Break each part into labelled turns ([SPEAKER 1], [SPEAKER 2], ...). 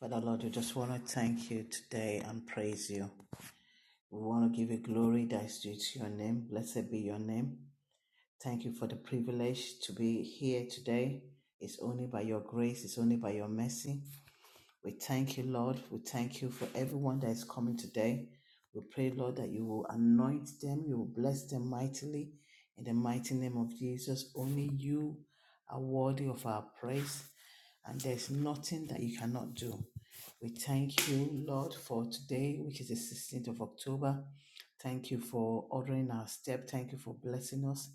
[SPEAKER 1] Father Lord, we just want to thank you today and praise you. We want to give you glory that is due to your name. Blessed be your name. Thank you for the privilege to be here today. It's only by your grace, it's only by your mercy. We thank you, Lord. We thank you for everyone that is coming today. We pray, Lord, that you will anoint them, you will bless them mightily. In the mighty name of Jesus, only you are worthy of our praise, and there's nothing that you cannot do. We thank you, Lord, for today, which is the 16th of October. Thank you for ordering our step. Thank you for blessing us.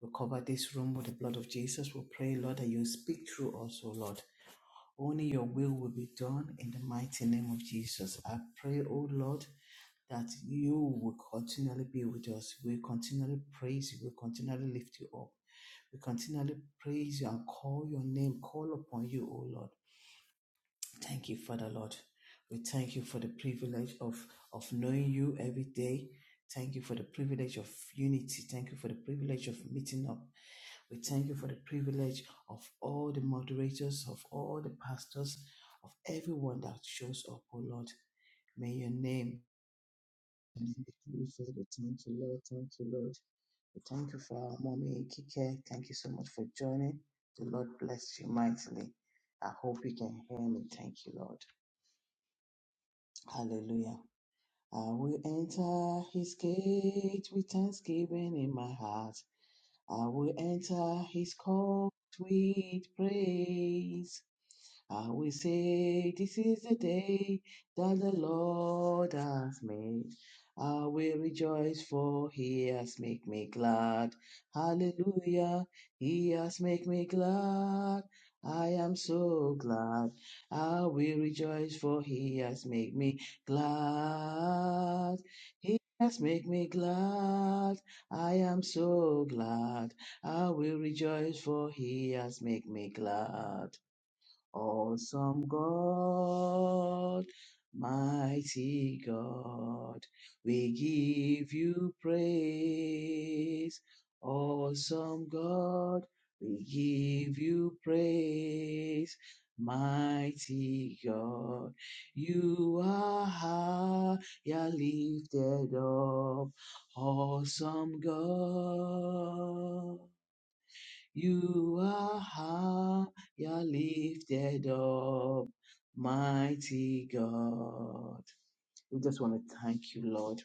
[SPEAKER 1] We cover this room with the blood of Jesus. We pray, Lord, that you speak through us, O Lord. Only your will will be done in the mighty name of Jesus. I pray, oh Lord, that you will continually be with us. We continually praise you. We continually lift you up. We continually praise you and call your name, call upon you, O Lord. Thank you, Father Lord. We thank you for the privilege of, of knowing you every day. Thank you for the privilege of unity. Thank you for the privilege of meeting up. We thank you for the privilege of all the moderators, of all the pastors, of everyone that shows up, oh Lord. May your name be glorified. We Thank you, Lord. Thank you, Lord. We Thank you for our mommy, Kike. Thank you so much for joining. The Lord bless you mightily. I hope you can hear me. Thank you, Lord. Hallelujah. I will enter his gate with thanksgiving in my heart. I will enter his court with praise. I will say, This is the day that the Lord has made. I will rejoice, for he has made me glad. Hallelujah, he has made me glad. I am so glad. I will rejoice, for he has made me glad. He has made me glad. I am so glad. I will rejoice, for he has made me glad. Awesome God, mighty God, we give you praise. Awesome God, we give you praise. Mighty God, you are high, you're lifted up. Awesome God. You are high, you're lifted up, mighty God. We just want to thank you, Lord.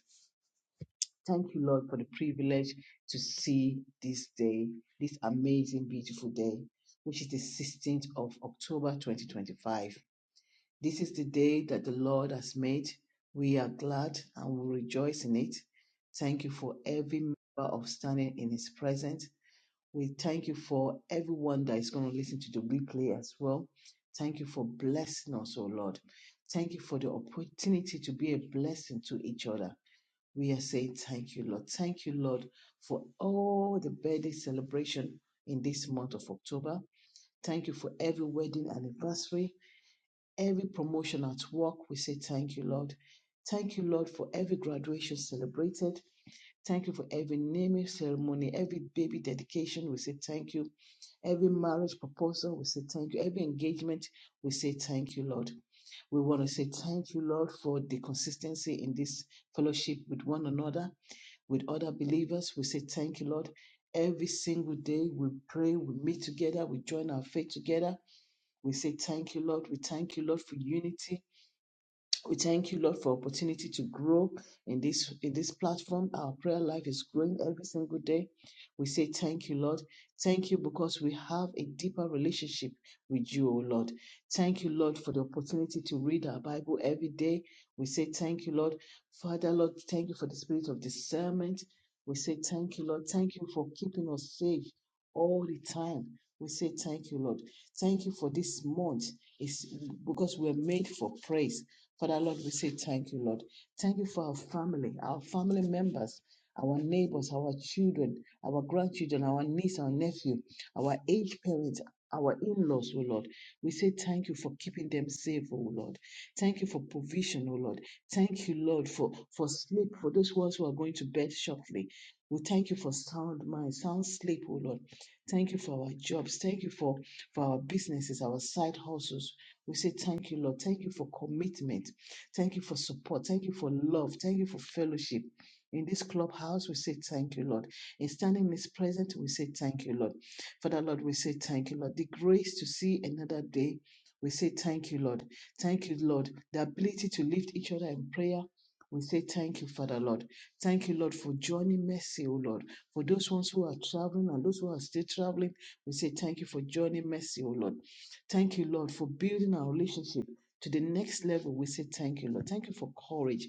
[SPEAKER 1] Thank you, Lord, for the privilege to see this day, this amazing, beautiful day, which is the 16th of October 2025. This is the day that the Lord has made. We are glad and we rejoice in it. Thank you for every member of standing in His presence. We thank you for everyone that is going to listen to the replay as well. Thank you for blessing us, O Lord. Thank you for the opportunity to be a blessing to each other. We are saying thank you, Lord. Thank you, Lord, for all the birthday celebration in this month of October. Thank you for every wedding anniversary, every promotion at work. We say thank you, Lord. Thank you, Lord, for every graduation celebrated. Thank you for every naming ceremony, every baby dedication. We say thank you. Every marriage proposal, we say thank you. Every engagement, we say thank you, Lord. We want to say thank you, Lord, for the consistency in this fellowship with one another, with other believers. We say thank you, Lord. Every single day we pray, we meet together, we join our faith together. We say thank you, Lord. We thank you, Lord, for unity we thank you, Lord, for opportunity to grow in this in this platform. Our prayer life is growing every single day. We say thank you, Lord. Thank you because we have a deeper relationship with you, O Lord. Thank you, Lord, for the opportunity to read our Bible every day. We say thank you, Lord. Father, Lord, thank you for the spirit of discernment. We say thank you, Lord. Thank you for keeping us safe all the time. We say thank you, Lord. Thank you for this month. It's because we're made for praise. Father Lord, we say thank you, Lord. Thank you for our family, our family members, our neighbors, our children, our grandchildren, our niece, our nephew, our aged parents, our in laws, oh Lord. We say thank you for keeping them safe, oh Lord. Thank you for provision, oh Lord. Thank you, Lord, for, for sleep, for those ones who are going to bed shortly. We thank you for sound mind, sound sleep, oh Lord. Thank you for our jobs. Thank you for, for our businesses, our side hustles. We say, Thank you, Lord. Thank you for commitment. Thank you for support. Thank you for love. Thank you for fellowship. In this clubhouse, we say, Thank you, Lord. In standing in His presence, we say, Thank you, Lord. Father, Lord, we say, Thank you, Lord. The grace to see another day, we say, Thank you, Lord. Thank you, Lord. The ability to lift each other in prayer. We say thank you, Father Lord. Thank you, Lord, for journey mercy, O Lord. For those ones who are traveling and those who are still traveling, we say thank you for journey mercy, O Lord. Thank you, Lord, for building our relationship to the next level. We say thank you, Lord. Thank you for courage.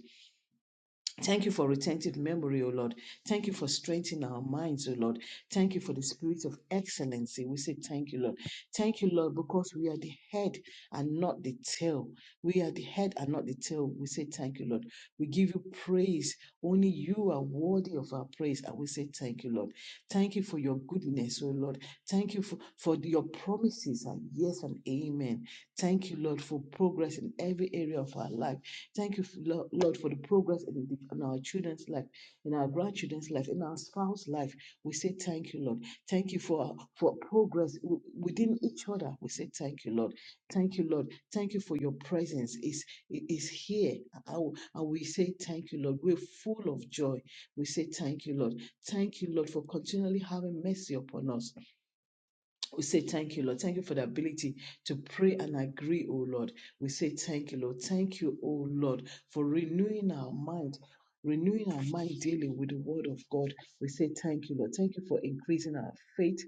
[SPEAKER 1] Thank you for retentive memory, O Lord. Thank you for strengthening our minds, O Lord. Thank you for the spirit of excellency. We say thank you, Lord. Thank you, Lord, because we are the head and not the tail. We are the head and not the tail. We say thank you, Lord. We give you praise. Only you are worthy of our praise. And we say thank you, Lord. Thank you for your goodness, O Lord. Thank you for, for your promises are yes and amen. Thank you, Lord, for progress in every area of our life. Thank you, Lord, for the progress in, the, in our children's life, in our grandchildren's life, in our spouse's life. We say thank you, Lord. Thank you for for progress within each other. We say thank you, Lord. Thank you, Lord. Thank you for your presence. Is is here, and and we say thank you, Lord. We're full of joy. We say thank you, Lord. Thank you, Lord, for continually having mercy upon us. We say thank you, Lord. Thank you for the ability to pray and agree, O Lord. We say thank you, Lord. Thank you, O Lord, for renewing our mind. Renewing our mind daily with the word of God. We say thank you, Lord. Thank you for increasing our faith.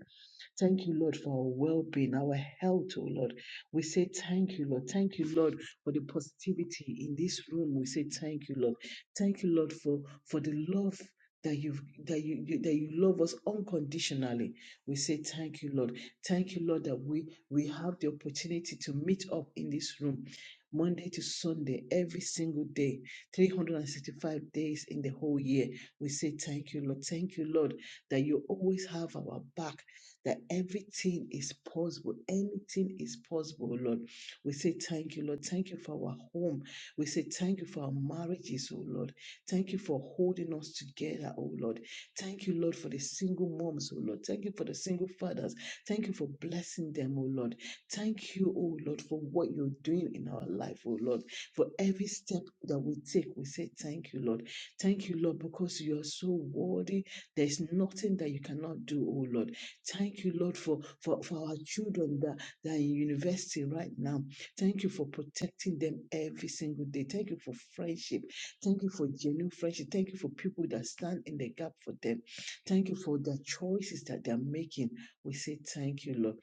[SPEAKER 1] Thank you, Lord, for our well being, our health, O Lord. We say thank you, Lord. Thank you, Lord, for the positivity in this room. We say thank you, Lord. Thank you, Lord, for, for the love. That you that you, you that you love us unconditionally. We say thank you, Lord. Thank you, Lord, that we, we have the opportunity to meet up in this room Monday to Sunday, every single day, 365 days in the whole year. We say, Thank you, Lord. Thank you, Lord, that you always have our back, that everything is possible. Anything is possible, Lord. We say, Thank you, Lord. Thank you for our home. We say, Thank you for our marriages, oh Lord. Thank you for holding us together, oh Lord. Thank you, Lord, for the single moms, oh Lord. Thank you for the single fathers. Thank you for blessing them, oh Lord. Thank you, oh Lord, for what you're doing in our life, oh Lord. For every step that we take, we say thank you, Lord. Thank you, Lord, because you are so worthy. There's nothing that you cannot do, oh Lord. Thank you, Lord, for, for, for our children that, that are in university right now. Thank you for protecting them every single day. Thank you for friendship. Thank you for genuine friendship. Thank you for people that stand in the gap for them. Thank you for the choices that they're making. We say thank you, Lord.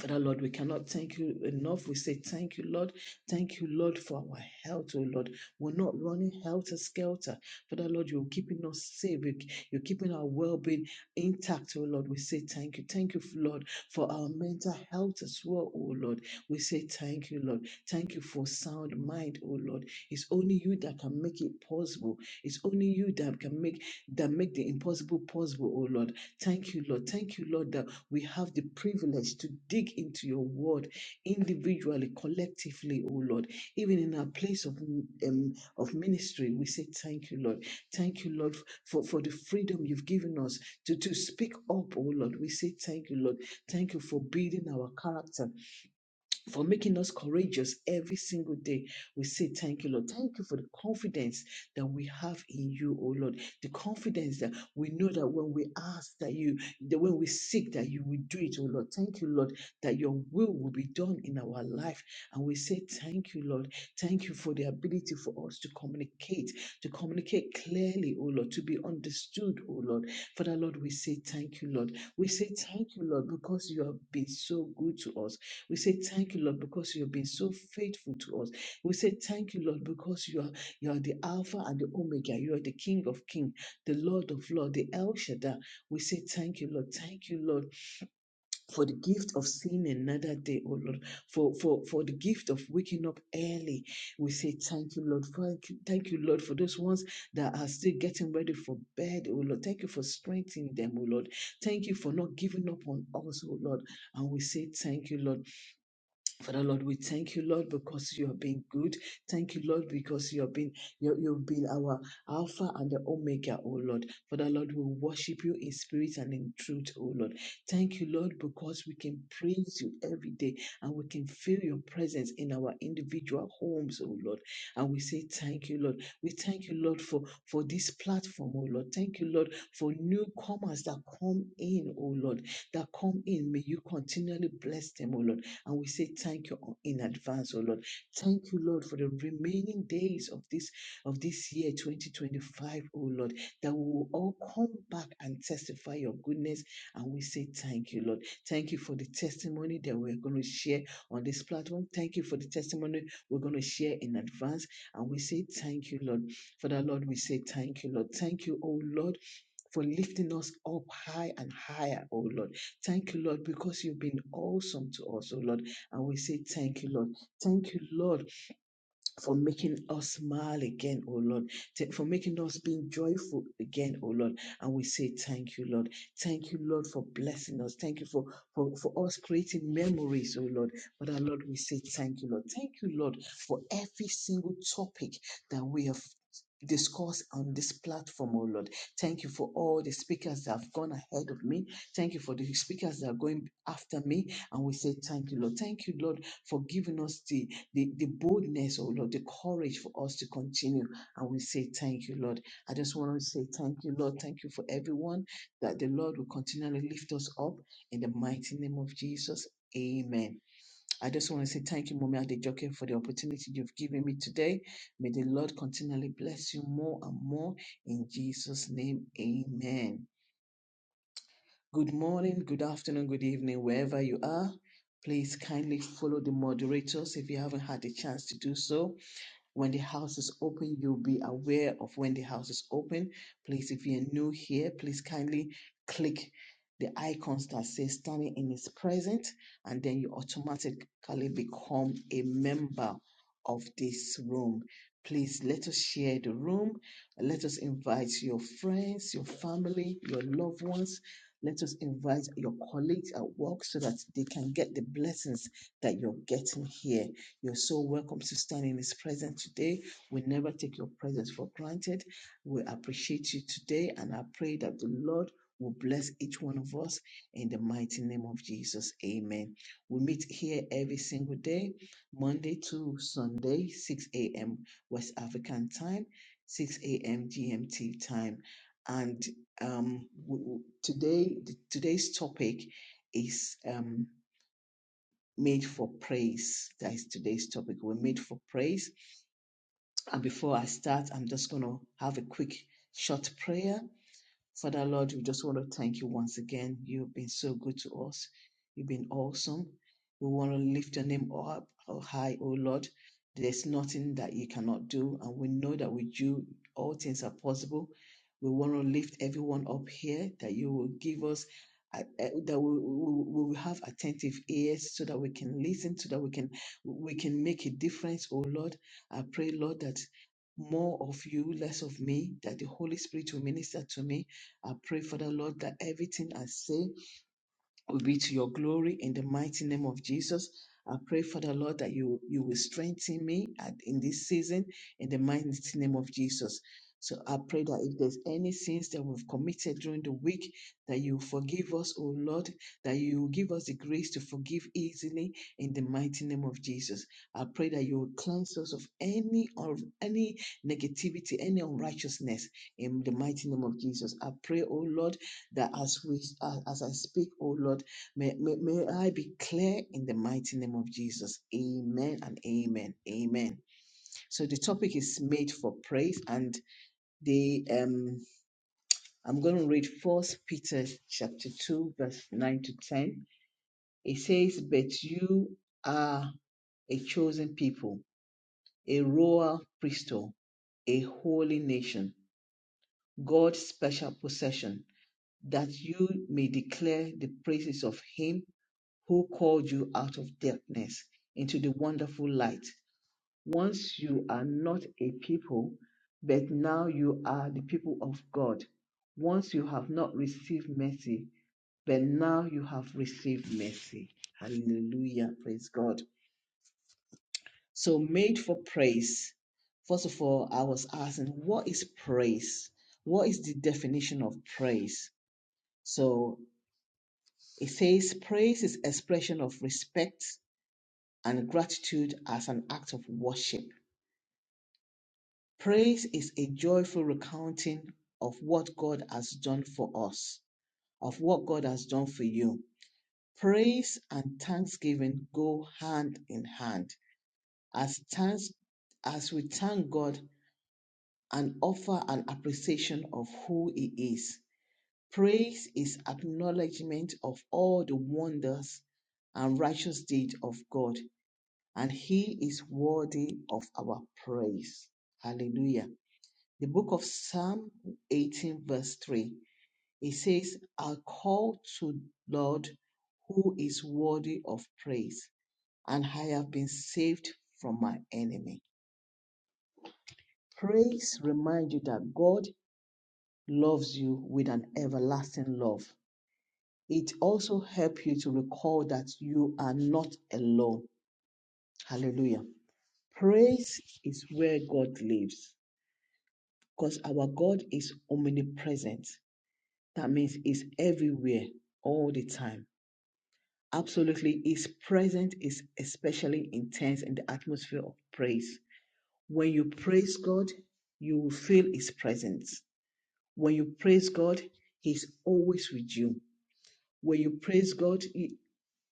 [SPEAKER 1] Father, Lord, we cannot thank you enough. We say thank you, Lord. Thank you, Lord, for our health, oh Lord. We're not running helter skelter. Father, Lord, you're keeping us safe. You- You're keeping our well being intact, oh Lord. We say thank you. Thank you, Lord, for our mental health as well, oh Lord. We say thank you, Lord. Thank you for sound mind, oh Lord. It's only you that can make it possible. It's only you that can make that make the impossible possible, oh Lord. Thank you, Lord. Thank you, Lord, that we have the privilege to dig into your word individually, collectively, oh Lord. Even in our place of, um, of ministry, we say thank you, Lord. Thank you, Lord, for, for the freedom you've given us to, to speak up, oh Lord. We say thank you, Lord. Thank you for building our character for making us courageous every single day. We say, Thank you, Lord. Thank you for the confidence that we have in you, oh Lord. The confidence that we know that when we ask that you, that when we seek that you will do it, oh Lord. Thank you, Lord, that your will will be done in our life. And we say, Thank you, Lord. Thank you for the ability for us to communicate, to communicate clearly, oh Lord, to be understood, oh Lord. Father, Lord, we say, Thank you, Lord. We say, Thank you, Lord, because you have been so good to us. We say thank you, Lord, because you have been so faithful to us. We say thank you, Lord, because you are you are the Alpha and the Omega. You are the King of Kings, the Lord of Lords, the El Shaddai. We say thank you, Lord. Thank you, Lord, for the gift of seeing another day, oh Lord, for for for the gift of waking up early. We say thank you, Lord. Thank you, thank you, Lord, for those ones that are still getting ready for bed, oh Lord. Thank you for strengthening them, oh Lord. Thank you for not giving up on us, oh Lord. And we say thank you, Lord. Father Lord, we thank you, Lord, because you have been good. Thank you, Lord, because you have been you, you've been our Alpha and the Omega, O Lord. Father Lord, we worship you in spirit and in truth, O Lord. Thank you, Lord, because we can praise you every day and we can feel your presence in our individual homes, O Lord. And we say thank you, Lord. We thank you, Lord, for for this platform, O Lord. Thank you, Lord, for newcomers that come in, O Lord, that come in. May you continually bless them, O Lord. And we say thank you in advance, oh Lord. Thank you, Lord, for the remaining days of this of this year 2025, O Lord, that we will all come back and testify your goodness. And we say thank you, Lord. Thank you for the testimony that we're going to share on this platform. Thank you for the testimony we're going to share in advance. And we say thank you, Lord. Father, Lord, we say thank you, Lord. Thank you, oh Lord for lifting us up high and higher, oh Lord. Thank you, Lord, because you've been awesome to us, oh Lord. And we say, Thank you, Lord. Thank you, Lord, for making us smile again, oh Lord, Th- for making us being joyful again, oh Lord. And we say thank you, Lord. Thank you, Lord, for blessing us. Thank you for, for, for us creating memories, oh Lord. But our Lord, we say thank you, Lord. Thank you, Lord, for every single topic that we have discussed on this platform, oh Lord. Thank you for all the speakers that have gone ahead of me. Thank you for the speakers that are going after me. And we say thank you, Lord. Thank you, Lord, for giving us the the, the boldness, oh Lord, the courage for us to continue. And we say thank you, Lord. I just want to say thank you, Lord. Thank you for everyone that the Lord will continually lift us up in the mighty name of Jesus. Amen. I just want to say thank you, Mommy Adejoke, for the opportunity you've given me today. May the Lord continually bless you more and more in Jesus' name. Amen. Good morning, good afternoon, good evening, wherever you are. Please kindly follow the moderators if you haven't had the chance to do so. When the house is open, you'll be aware of when the house is open. Please, if you're new here, please kindly click the icons that say standing in his presence, and then you automatically become a member of this room. Please let us share the room. Let us invite your friends, your family, your loved ones. Let us invite your colleagues at work so that they can get the blessings that you're getting here you're so welcome to stand in His presence today. We never take your presence for granted. We appreciate you today, and I pray that the Lord will bless each one of us in the mighty name of Jesus. Amen. We meet here every single day, Monday to Sunday, 6 a.m. West African time, 6 a.m. GMT time. And um, w- w- today, th- today's topic is um, made for praise. That is today's topic. We're made for praise. And before I start, I'm just going to have a quick, short prayer Father Lord, we just want to thank you once again. You've been so good to us. You've been awesome. We want to lift your name up oh, high, oh Lord. There's nothing that you cannot do, and we know that with you, all things are possible. We want to lift everyone up here that you will give us, uh, uh, that we, we, we will have attentive ears so that we can listen, so that we can we can make a difference, oh Lord. I pray, Lord, that more of you, less of me, that the Holy Spirit will minister to me I pray, Father Lord, that everything I say, will be to your glory in the mighty name of Jesus. I pray, Father Lord, that you you will strengthen me at, in this season in the mighty name of Jesus. So I pray that if there's any sins that we've committed during the week, that you forgive us, O Lord, that you give us the grace to forgive easily in the mighty name of Jesus. I pray that you will cleanse us of any of any negativity, any unrighteousness in the mighty name of Jesus. I pray, O Lord, that as we as as I speak, O Lord May, may, may I be clear in the mighty name of Jesus. Amen and amen. Amen. So the topic is made for praise and the um I'm going to read First Peter chapter 2 verse 9 to 10. It says, "But you are a chosen people, a royal priesthood, a holy nation, God's special possession, that you may declare the praises of him who called you out of darkness into the wonderful light. Once you are not a people, but now you are the people of God. Once you have not received mercy, but now you have received mercy. Hallelujah. Praise God. So, made for praise. First of all, I was asking, what is praise? What is the definition of praise? So, it says praise is expression of respect and gratitude as an act of worship. Praise is a joyful recounting of what God has done for us, of what God has done for you. Praise and thanksgiving go hand in hand. As thanks, as we thank God and offer an appreciation of who He is, praise is acknowledgement of all the wonders and righteous deed of God. and he is worthy of our praise. Hallelujah. The book of Psalm 18, verse 3, it says, I call to Lord who is worthy of praise, and I have been saved from my enemy. Praise reminds you that God loves you with an everlasting love. It also helps you to recall that you are not alone. Hallelujah. Praise is where God lives. Because our God is omnipresent. That means He's everywhere all the time. Absolutely, His presence is especially intense in the atmosphere of praise. When you praise God, you will feel His presence. When you praise God, He's always with you. When you praise God, He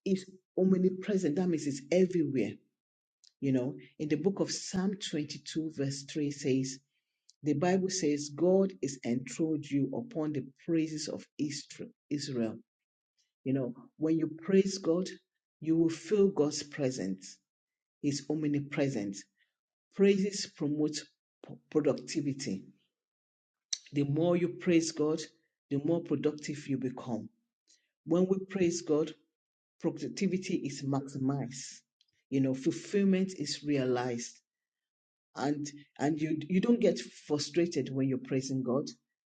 [SPEAKER 1] is omnipresent. That means He's everywhere. You know, in the book of Psalm 22, verse 3 says, The Bible says God is enthroned you upon the praises of Israel. You know, when you praise God, you will feel God's presence. He's omnipresent. Praises promote productivity. The more you praise God, the more productive you become. When we praise God, productivity is maximized. You know, fulfillment is realized. and and you you don't get frustrated when you're praising God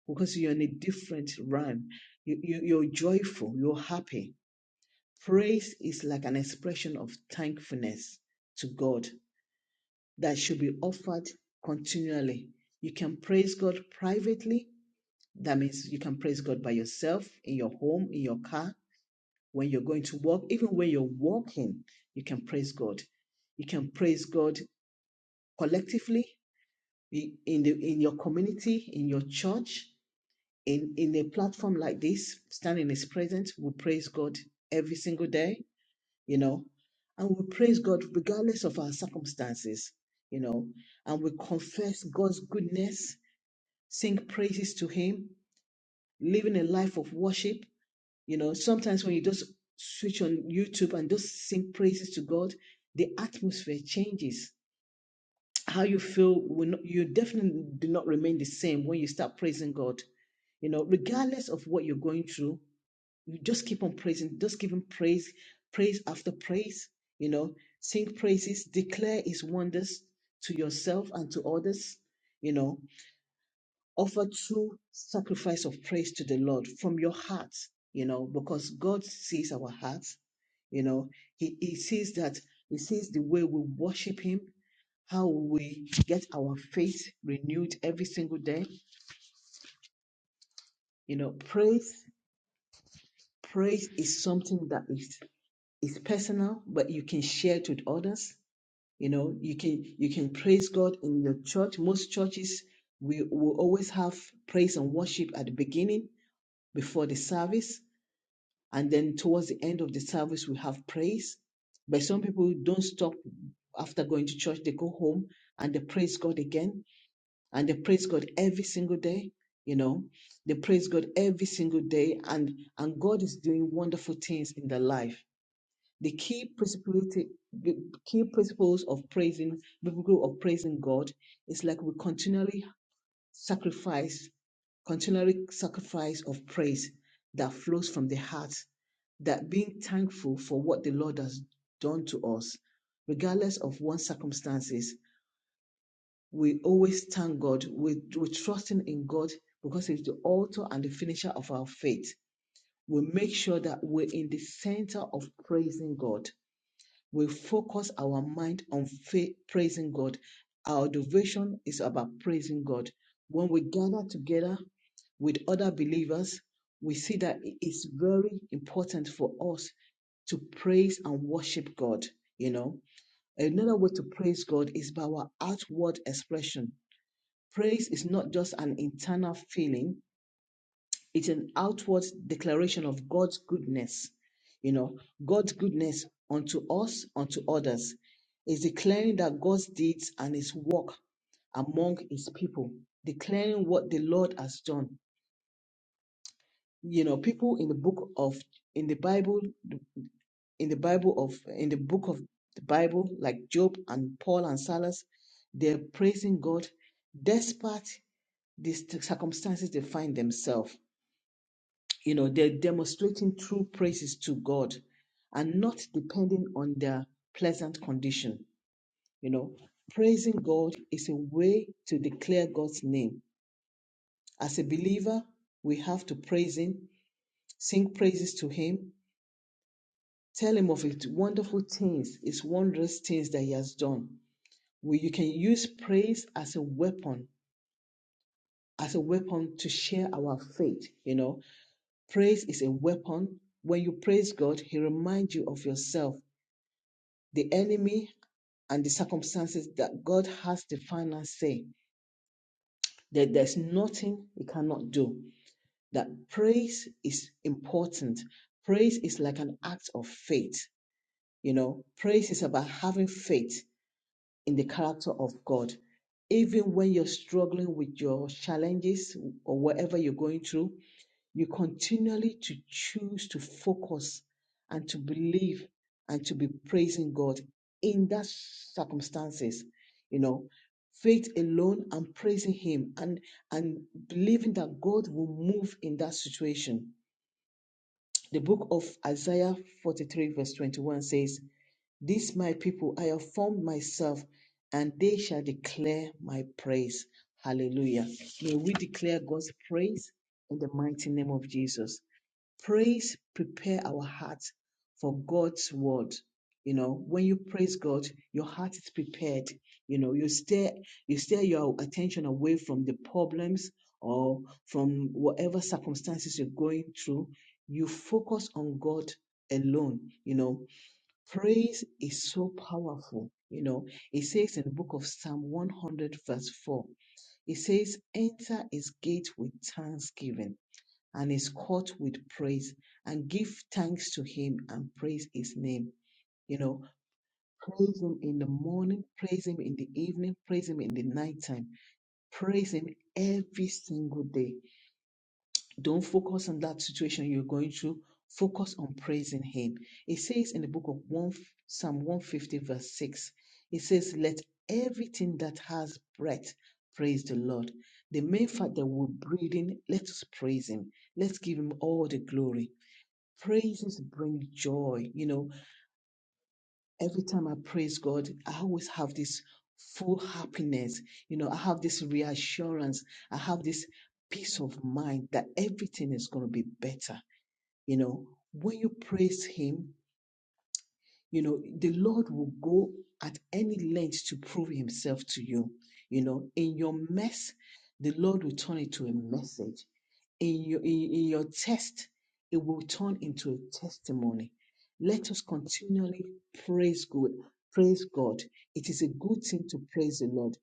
[SPEAKER 1] because you're in a different realm. You, you you're joyful, you're happy. Praise is like an expression of thankfulness to God that should be offered continually. You can praise God privately. That means you can praise God by yourself, in your home, in your car, when you're going to work, even when you're walking, you can praise God. You can praise God collectively in the in your community, in your church, in in a platform like this, stand in His presence. We praise God every single day, you know, and we praise God regardless of our circumstances, you know, and we confess God's goodness, sing praises to Him, living a life of worship. You know, sometimes when you just switch on YouTube and just sing praises to God, the atmosphere changes how you feel will not, you definitely do not remain the same when you start praising God. You know, regardless of what you're going through, you just keep on praising, just give him praise, praise after praise, you know, sing praises, declare his wonders to yourself and to others, you know, offer true sacrifice of praise to the Lord from your heart, you know, because God sees our hearts, you know, he, he sees that, he sees the way we worship him, how we get our faith renewed every single day. You know, praise, praise is something that is is personal, but you can share it with others. You know, you can you can praise God in your church. Most churches we will always have praise and worship at the beginning before the service, and then towards the end of the service we have praise. But some people don't stop after going to church; they go home and they praise God again and they praise God every single day. You know, they praise God every single day, and and God is doing wonderful things in their life. The key principality, the key principles of praising, biblical of praising God, is like we continually sacrifice, continually sacrifice of praise that flows from the heart, that being thankful for what the Lord has done to us, regardless of one's circumstances we always thank God. We, we're trusting in God because He's the author and the finisher of our faith. We make sure that we're in the center of praising God. We focus our mind on faith, praising God. Our devotion is about praising God. When we gather together with other believers, we see that it is very important for us to praise and worship God. You know, another way to praise God is by our outward expression Praise is not just an internal feeling, it's an outward declaration of God's goodness. You know, God's goodness unto us, unto others, is declaring that God's deeds and his work among his people, declaring what the Lord has done. You know, people in the book of in the Bible, in the Bible of in the book of the Bible, like Job and Paul and Silas, they're praising God despite the circumstances they find themselves You know, they're demonstrating true praises to God and not depending on their pleasant condition. You know, praising God is a way to declare God's name. As a believer, we have to praise Him, sing praises to Him, tell Him of His wonderful things, His wondrous things that He has done. We, you can use praise as a weapon, as a weapon to share our faith. You know, praise is a weapon. When you praise God, He reminds you of yourself the enemy and the circumstances that God has the final say, that there's nothing he cannot do, that praise is important. Praise is like an act of faith. You know, praise is about having faith in the character of God. Even when you're struggling with your challenges or whatever you're going through, you continually to choose to focus and to believe and to be praising God in that circumstances, you know, faith alone and praising Him and and believing that God will move in that situation. The book of Isaiah 43 verse 21 says, "This my people I have formed myself, and they shall declare my praise." Hallelujah. May we declare God's praise in the mighty name of Jesus praise prepare our hearts for God's word. You know, when you praise God, your heart is prepared. You know, you steer you steer your attention away from the problems or from whatever circumstances you're going through. You focus on God alone. You know, praise is so powerful. You know, it says in the book of Psalm 100, verse 4, it says, Enter his gate with thanksgiving and is caught with praise and give thanks to him and praise his name. You know, praise him in the morning, praise him in the evening, praise him in the nighttime, praise him every single day. Don't focus on that situation you're going through. Focus on praising him. It says in the book of one, Psalm 150, verse 6, it says, Let everything that has breath praise the Lord. The main fact that we're breathing, let us praise him. Let's give him all the glory Praises bring joy. You know, every time I praise God, I always have this full happiness. You know, I have this reassurance. I have this peace of mind that everything is going to be better. You know, when you praise Him, you know, the Lord will go at any length to prove Himself to you. You know, in your mess, the Lord will turn it to a message. in your, in, in your test, it will turn into a testimony. Let us continually praise God. Praise God. It is a good thing to praise the Lord.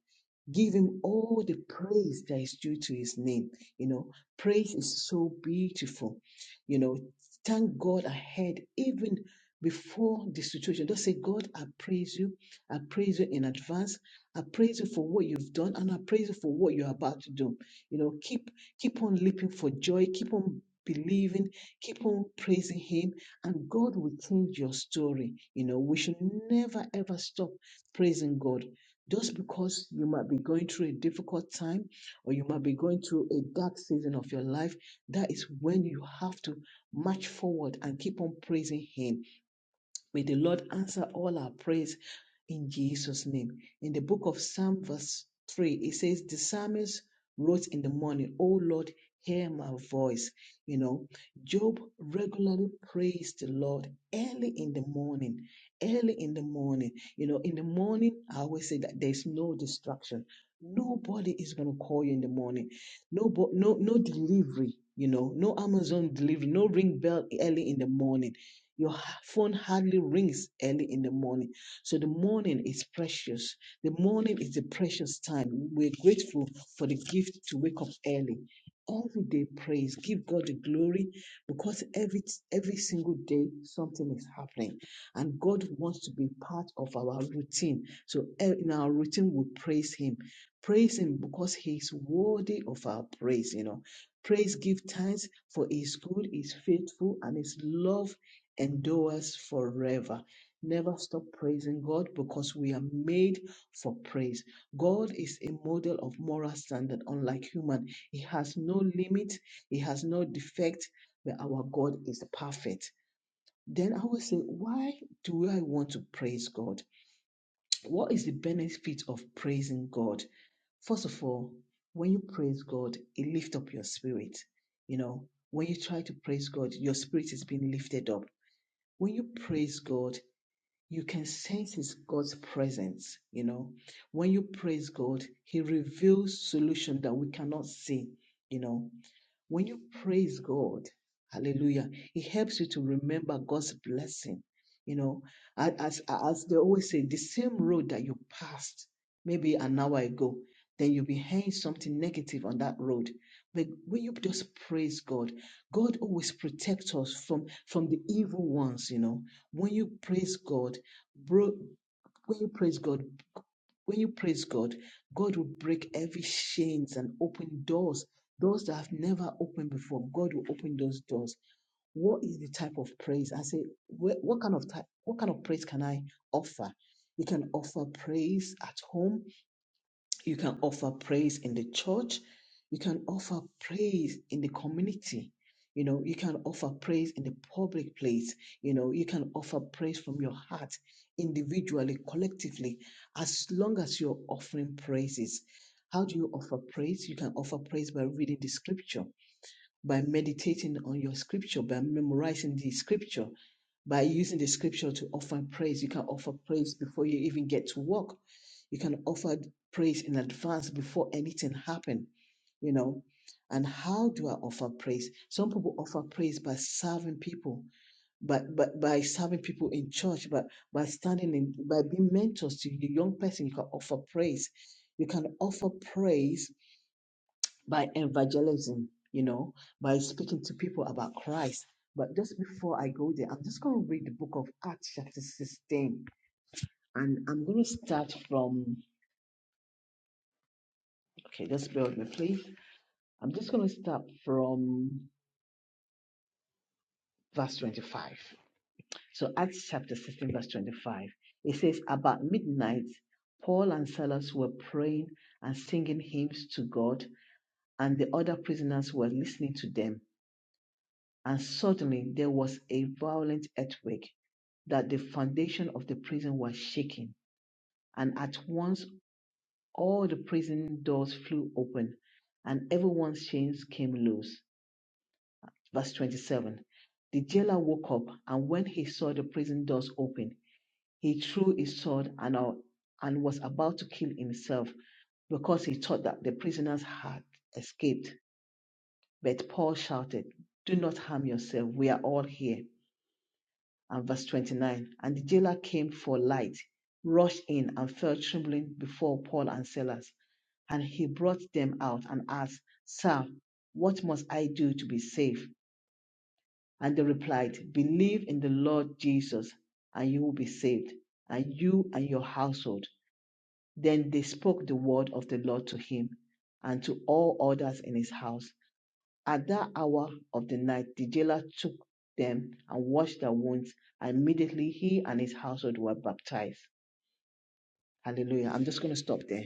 [SPEAKER 1] Give him all the praise that is due to his name. You know, praise is so beautiful. You know, thank God ahead, even before the situation. Don't say, God, I praise you. I praise you in advance. I praise you for what you've done and I praise you for what you're about to do. You know, keep keep on leaping for joy, keep on believing, keep on praising him, and God will change your story. You know, we should never ever stop praising God just because you might be going through a difficult time or you might be going through a dark season of your life, that is when you have to march forward and keep on praising Him May the Lord answer all our prayers in Jesus' name. In the book of Psalm, verse 3, it says, The psalmist wrote in the morning, Oh Lord, hear my voice. You know, Job regularly praised the Lord early in the morning. Early in the morning. You know, in the morning, I always say that there's no distraction. Nobody is going to call you in the morning. No, bo- no, no delivery. You know, no Amazon delivery, no ring bell early in the morning your phone hardly rings early in the morning. So the morning is precious. The morning is a precious time. We're grateful for the gift to wake up early. Every day, praise. Give God the glory because every every single day something is happening, and God wants to be part of our routine. So eh, in our routine, we praise Him. Praise Him because He is worthy of our praise. You know, praise, give thanks for He is good, He is faithful, and His love endures forever. Never stop praising God because we are made for praise. God is a model of moral standard, unlike human. He has no limit, he has no defect, but our God is perfect. Then I will say, why do I want to praise God? What is the benefit of praising God? First of all, when you praise God, it lifts up your spirit. You know, when you try to praise God, your spirit is being lifted up when you praise God, you can sense His God's presence. You know, when you praise God, He reveals solution that we cannot see. You know, when you praise God, hallelujah, it helps you to remember God's blessing. You know, as, as as they always say, the same road that you passed maybe an hour ago, then you'll be hearing something negative on that road. But when you just praise God, God always protects us from from the evil ones. You know, when you praise God, bro, when you praise God, when you praise God, God will break every chains and open doors Doors that have never opened before, God will open those doors. What is the type of praise? I say, wh- what kind of type, what kind of praise can I offer? You can offer praise at home. You can offer praise in the church. You can offer praise in the community. You know, you can offer praise in the public place. You know, you can offer praise from your heart, individually, collectively, as long as you're offering praises. How do you offer praise? You can offer praise by reading the scripture by meditating on your scripture, by memorizing the scripture, by using the scripture to offer praise. You can offer praise before you even get to work. You can offer praise in advance before anything happen. You know, and how do I offer praise? Some people offer praise by serving people, by by, by serving people in church, by by standing in, by being mentors to the young person. You can offer praise. You can offer praise by evangelism, you know, by speaking to people about Christ. But just before I go there, I'm just going to read the book of Acts, chapter 16, and I'm going to start from, okay, just bear with me, please. I'm just going to start from verse 25. So, Acts chapter 16, verse 25, it says, About midnight, Paul and Silas were praying and singing hymns to God, and the other prisoners were listening to them. And suddenly there was a violent earthquake that the foundation of the prison was shaking, and at once all the prison doors flew open, and everyone's chains came loose. Verse 27 The jailer woke up, and when he saw the prison doors open, he threw his sword and, uh, and was about to kill himself because he thought that the prisoners had escaped. But Paul shouted, Do not harm yourself, we are all here. and verse 29. And the jailer came for light, rushed in, and fell trembling before Paul and Silas. And he brought them out and asked, Sir, what must I do to be saved? And they replied, Believe in the Lord Jesus, and you will be saved, and you and your household. Then they spoke the word of the Lord to him and to all others in his house. At that hour of the night, the jailer took them and washed their wounds. And immediately he and his household were baptized. Hallelujah. I'm just going to stop there.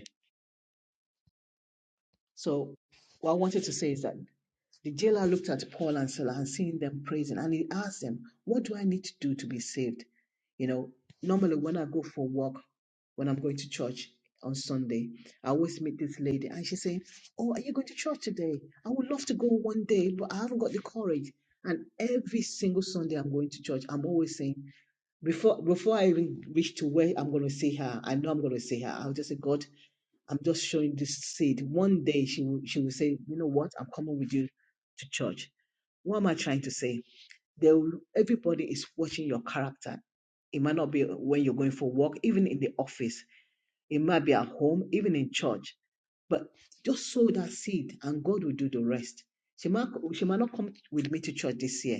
[SPEAKER 1] So, what I wanted to say is that the jailer looked at Paul and Silas and seeing them praising, and he asked them, What do I need to do to be saved? You know, normally when I go for walk, when I'm going to church on Sunday, I always meet this lady and she saying, Oh, are you going to church today? I would love to go one day, but I haven't got the courage. And every single Sunday I'm going to church, I'm always saying, before before I even reach to where I'm gonna see her, I know I'm gonna see her. I'll just say, God, I'm just showing this seed. One day she will she will say, You know what, I'm coming with you to church. What am I trying to say? they will, everybody is watching your character. It might not be when you're going for work, even in the office. It might be at home, even in church. But just sow that seed and God will do the rest. She might, she might not come with me to church this year,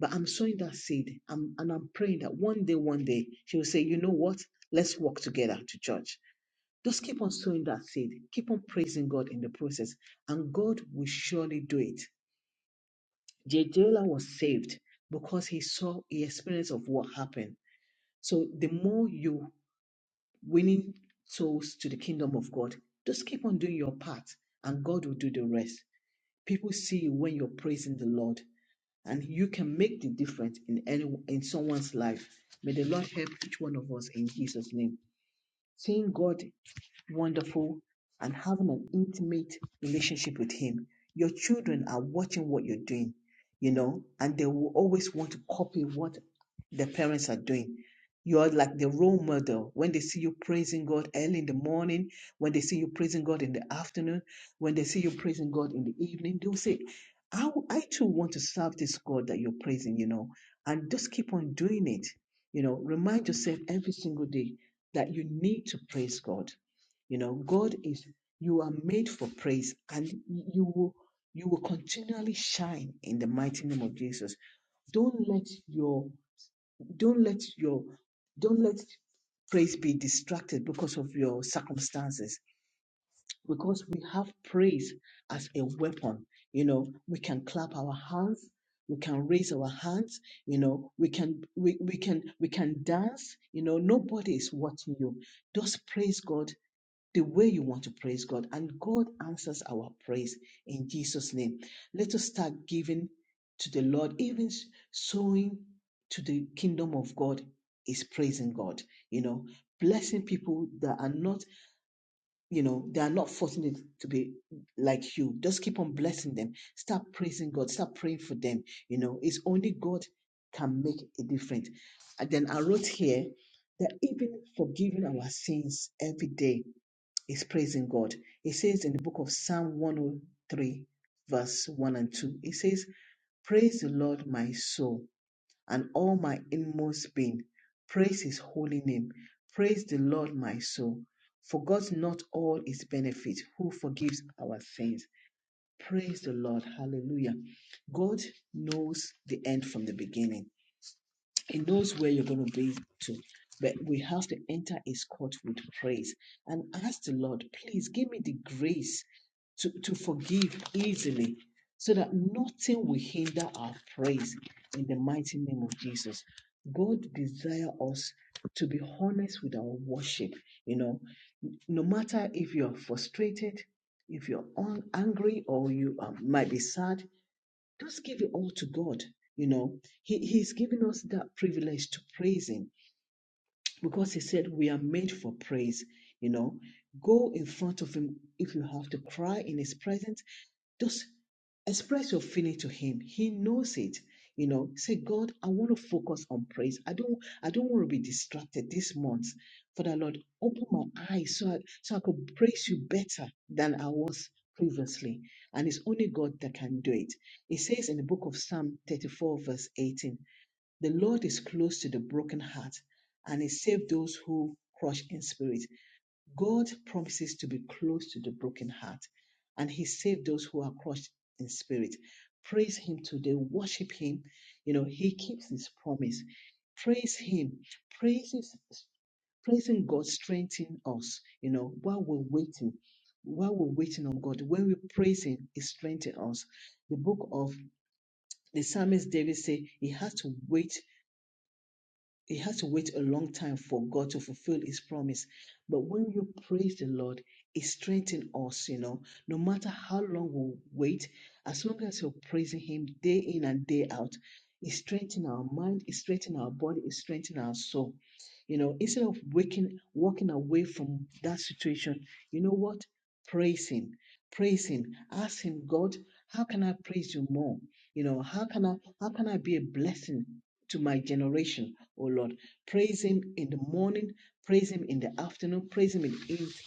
[SPEAKER 1] but I'm sowing that seed. I'm, and I'm praying that one day, one day, she will say, you know what? Let's walk together to church. Just keep on sowing that seed. Keep on praising God in the process, and God will surely do it. The jailer was saved because he saw he experienced of what happened. So the more you winning souls to the kingdom of God, just keep on doing your part and God will do the rest. People see you when you're praising the Lord and you can make the difference in any in someone's life. May the Lord help each one of us in Jesus' name. Seeing God wonderful and having an intimate relationship with him your children are watching what you're doing you know and they will always want to copy what their parents are doing you're like the role model when they see you praising god early in the morning when they see you praising god in the afternoon when they see you praising god in the evening they'll say i, w- I too want to serve this god that you're praising you know and just keep on doing it you know remind yourself every single day that you need to praise god you know, God is you are made for praise and you will you will continually shine in the mighty name of Jesus. Don't let your don't let your don't let praise be distracted because of your circumstances. Because we have praise as a weapon. You know, we can clap our hands, we can raise our hands, you know, we can we, we can we can dance, you know, nobody is watching you. Just praise God the way you want to praise God, and God answers our praise in Jesus' name. Let us start giving to the Lord, even s- sowing to the kingdom of God is praising God, you know, blessing people that are not, you know, they are not fortunate to be like you. Just keep on blessing them. Start praising God, start praying for them. You know, it's only God can make a difference. And then I wrote here that even forgiving our sins every day is praising God. It says in the book of Psalm 103, verse 1 and 2, it says, Praise the Lord, my soul, and all my inmost being. Praise his holy name. Praise the Lord, my soul. Forgot not all his benefits who forgives our sins. Praise the Lord. Hallelujah. God knows the end from the beginning. It knows where you're going to be to. But we have to enter His court with praise and ask the Lord, please give me the grace to, to forgive easily so that nothing will hinder our praise in the mighty name of Jesus. God desire us to be honest with our worship, you know, no matter if you're frustrated, if you're un- angry or you um, might be sad, just give it all to God. You know, he, He's given us that privilege to praise Him because He said we are made for praise. You know, go in front of Him if you have to cry in His presence just express your feeling to him. He knows it. You know, say, God, I want to focus on praise. I don't, I don't want to be distracted this month. Father Lord, open my eyes so I, so I could praise you better than I was previously. And it's only God that can do it. It says in the book of Psalm 34, verse 18, the Lord is close to the broken heart and he saved those who crush in spirit. God promises to be close to the broken heart and he saved those who are crushed in spirit. Praise him today, worship him. You know, he keeps his promise. Praise him. Praise his, praising God strengthens us, you know, while we're waiting. While we're waiting on God, when we praise Him, He strengthens us. The book of the psalmist David say He has to wait he had to wait a long time for God to fulfill his promise. But when you praise the Lord, it strengthens us, you know. No matter how long we wait, as long as you're praising him day in and day out, it strengthens our mind, it strengthens our body, it strengthens our soul. You know, instead of waking, walking away from that situation, you know what? Praise him. Praise him. Ask him, God, how can I praise you more? You know, how can I how can I be a blessing to my generation, O Lord. Praise Him in the morning, praise Him in the afternoon, praise Him in his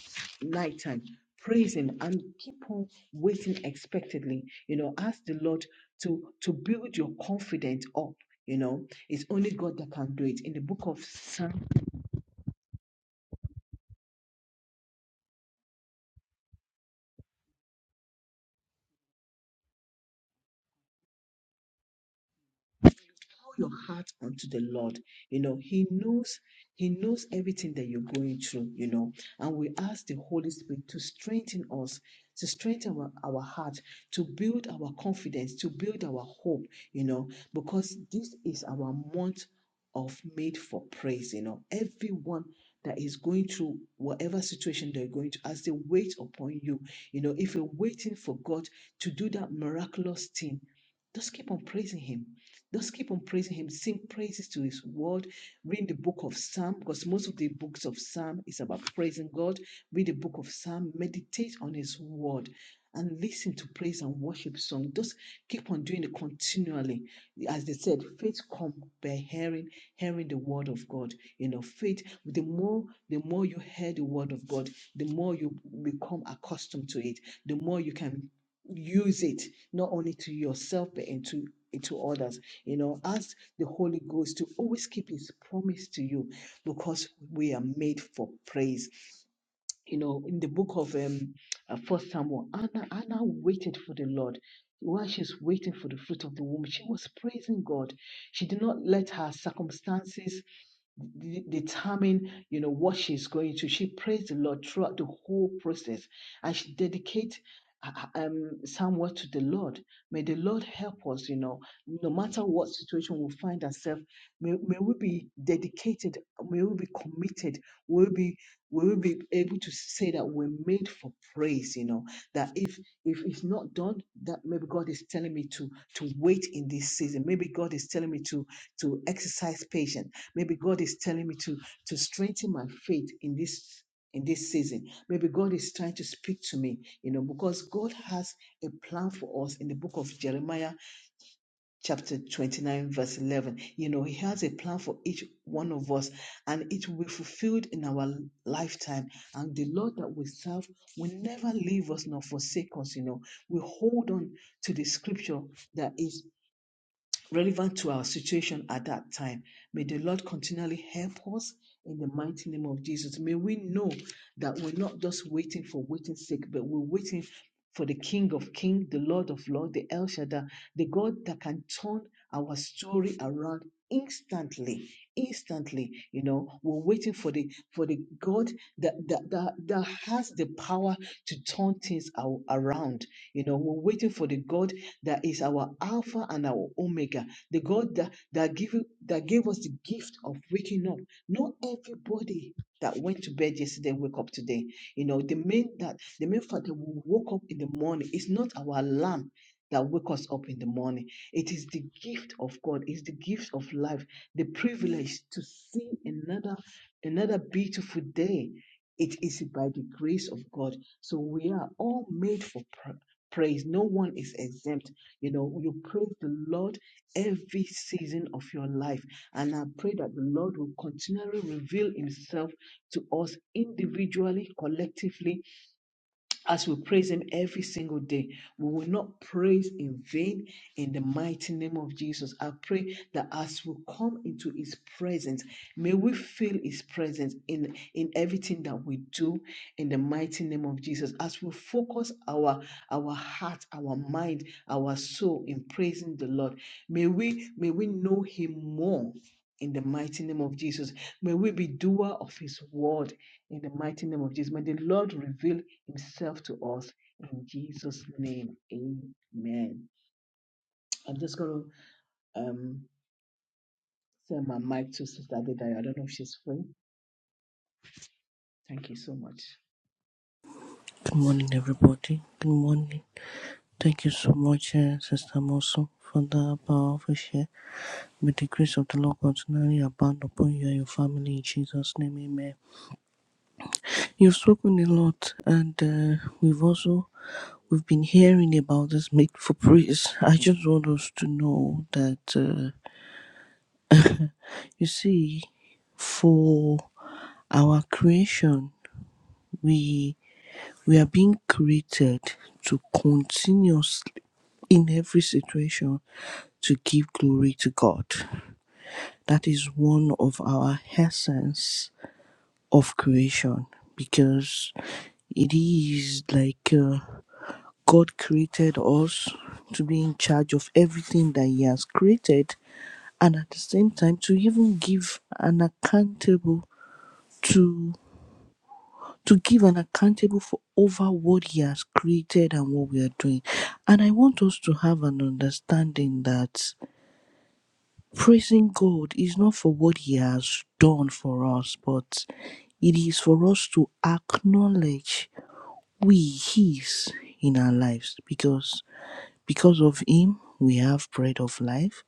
[SPEAKER 1] nighttime. Praise Him and keep on waiting expectantly. You know, ask the Lord to to build your confidence up. You know, it's only God that can do it. In the book of Psalm pour your heart unto the Lord. You know, He knows, He knows everything that you're going through, you know. And we ask the Holy Spirit to strengthen us, to strengthen our, our heart, to build our confidence, to build our hope, you know, because this is our month of made for praise, you know. Everyone that is going through whatever situation they're going to as they wait upon you. You know, if you're waiting for God to do that miraculous thing, just keep on praising Him just keep on praising Him. Sing praises to His word. Read the book of Psalm because most of the books of Psalm is about praising God. Read the book of Psalm. Meditate on His word. And listen to praise and worship song. Just keep on doing it continually. As they said, faith come by hearing, hearing the word of God. You know, faith. The more, the more you hear the word of God, the more you become accustomed to it. The more you can use it not only to yourself but into into others you know, ask the Holy Ghost to always keep his promise to you because we are made for praise you know, in the book of um, uh, First Samuel, Anna, Anna waited for the Lord. While she's waiting for the fruit of the womb, she was praising God. She did not let her circumstances d- determine, you know, what she's going to. She praised the Lord throughout the whole process, and she dedicate uh, uh, um Samuel to the Lord. May the Lord help us, you know, no matter what situation we find ourselves. May, may we be dedicated. May we be committed. We'll be we will be able to say that we're made for praise you know that if if it's not done that maybe god is telling me to to wait in this season maybe god is telling me to to exercise patience maybe god is telling me to to strengthen my faith in this in this season maybe god is trying to speak to me you know because god has a plan for us in the book of jeremiah chapter 29, verse 11. You know, He has a plan for each one of us and it will be fulfilled in our lifetime. And the Lord that we serve will never leave us nor forsake us. You know, we hold on to the scripture that is relevant to our situation at that time. May the Lord continually help us in the mighty name of Jesus. May we know that we're not just waiting for waiting's sake, but we're waiting for the King of Kings, the Lord of Lords, the El Shaddai, the God that can turn our story around instantly instantly you know we're waiting for the for the god that that that, that has the power to turn things ar- around you know we're waiting for the god that is our Alpha and our Omega, the God that, that, give, that gave us the gift of waking up. Not everybody that went to bed yesterday wake up today. You know, the main that the main fact that we woke up in the morning is not our alarm that wake us up in the morning. It is the gift of God, it's the gift of life, the privilege to see another another beautiful day. It is by the grace of God. So we are all made for pra- praise. No one is exempt. You know, you praise the Lord every season of your life. And I pray that the Lord will continually reveal Himself to us individually, collectively, as we praise Him every single day. We will not praise in vain in the mighty name of Jesus. I pray that as we come into His presence, may we feel His presence in, in everything that we do in the mighty name of Jesus. As we focus our, our heart, our mind, our soul in praising the Lord, may we, may we know Him more. In the mighty name of Jesus, may we be doer of His word. In the mighty name of Jesus, may the Lord reveal himself to us in Jesus' name. Amen. I'm just going to um, send my mic to Sister Adedayo. I don't know if she's free. Thank you so much.
[SPEAKER 2] Good morning, everybody. Good morning. Thank you so much, uh, Sister Mosu, for that powerful share. May the grace of the Lord continually abound upon you and your family in Jesus' name, Amen. You've spoken a lot, and uh, we've also we've been hearing about this make for praise. I just want us to know that uh, you see, for our creation, we. We are being created to continuously, in every situation, to give glory to God. That is one of our essence of creation because it is like uh, God created us to be in charge of everything that He has created and at the same time to even give an accountable to to give an accountable for over what he has created and what we are doing. And I want us to have an understanding that praising God is not for what he has done for us, but it is for us to acknowledge we his in our lives because because of him we have bread of life.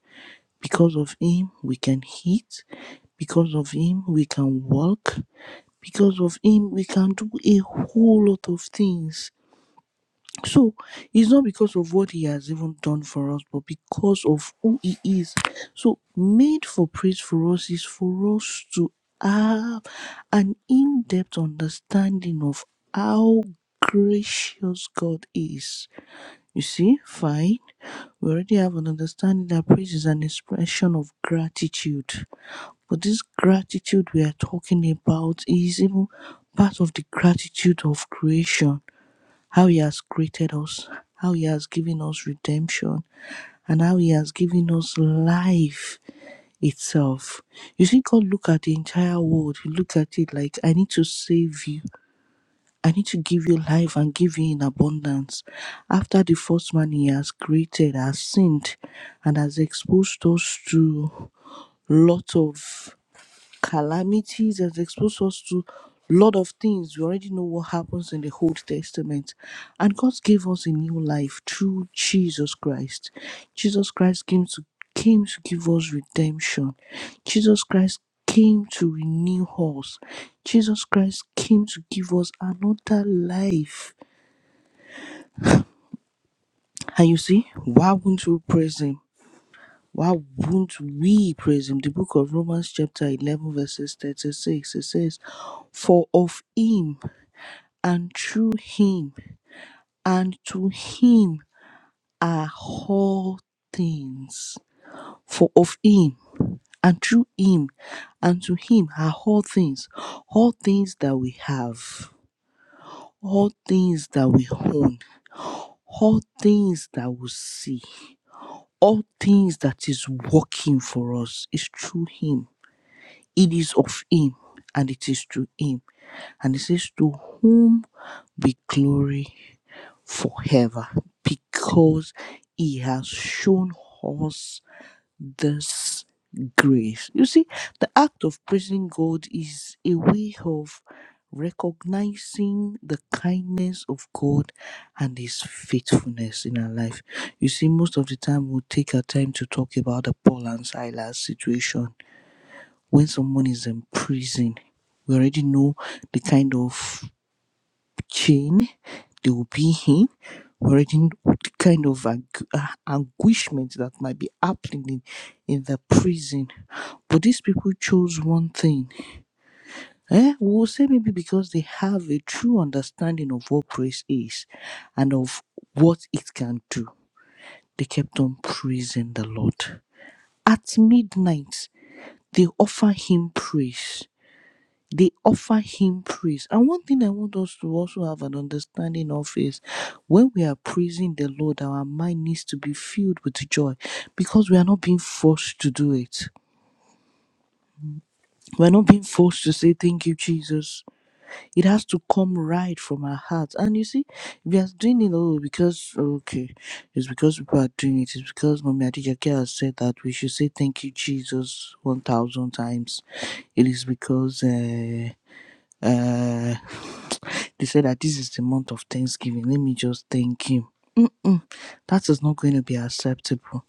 [SPEAKER 2] Because of him we can eat. Because of him we can walk. Because of him we can do a whole lot of things So it's not because of what he has even done for us, but because of who he is. So made for praise for us is for us to have an in-depth understanding of how gracious God is. You see, fine. We already have an understanding that praise is an expression of gratitude. But this gratitude we are talking about is even part of the gratitude of creation how He has created us, how He has given us redemption, and how He has given us life itself. You see, God look at the entire world. He look at it like, I need to save you. I need to give you life and give you in abundance. After the first man He has created has sinned and has exposed us to lot of calamities, has exposed us to a lot of things. We already know what happens in the Old Testament. And God gave us a new life through Jesus Christ. Jesus Christ came to came to give us redemption. Jesus Christ came to renew us. Jesus Christ came to give us another life. And you see, why wouldn't we praise him? Why won't we praise him? The book of Romans, chapter 11, verses 36, it says, For of him and through him and to him are all things. For of him and through him and to him are all things. All things that we have, all things that we own, all things that we see, all things that is working for us is through him It is of Him and it is through Him. And it says, To whom be glory forever, because He has shown us this grace. You see, the act of praising God is a way of recognizing the kindness of God and His faithfulness in our life. You see, most of the time we'll take our time to talk about the Paul and Silas situation when someone is in prison, we already know the kind of chain they will be in. We already know the kind of angu- uh, anguishment that might be happening in, in the prison. But these people chose one thing. Eh? We will say maybe because they have a true understanding of what praise is and of what it can do. They kept on praising the Lord. At midnight, they offer him praise. they offer him praise. And one thing I want us to also have an understanding of is when we are praising the Lord, our mind needs to be filled with joy because we are not being forced to do it. We're not being forced to say thank you, Jesus. It has to come right from our hearts. And you see, we are doing it all because okay, it's because people are doing it, it's because Mommy Adijake has said that we should say thank you, Jesus, one thousand times. It is because uh uh, they said that this is the month of Thanksgiving. Let me just thank him. Mm, that is not going to be acceptable.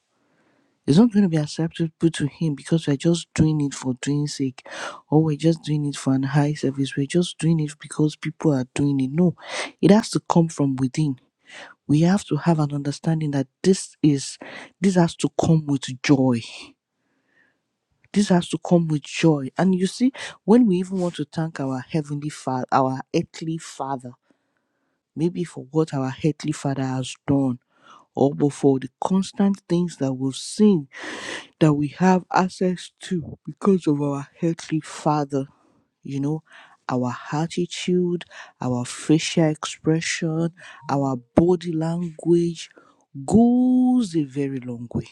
[SPEAKER 2] It's not going to be acceptable to him because we're just doing it for doing sake, or we're just doing it for an high service. We're just doing it because people are doing it. No, it has to come from within. We have to have an understanding that this is this has to come with joy. This has to come with joy. And you see, when we even want to thank our heavenly father, our earthly father. maybe for what our heavenly father has done or but for the constant things that we've seen that we have access to because of our heavenly father you know our attitude our facial expression our body language goes a very long way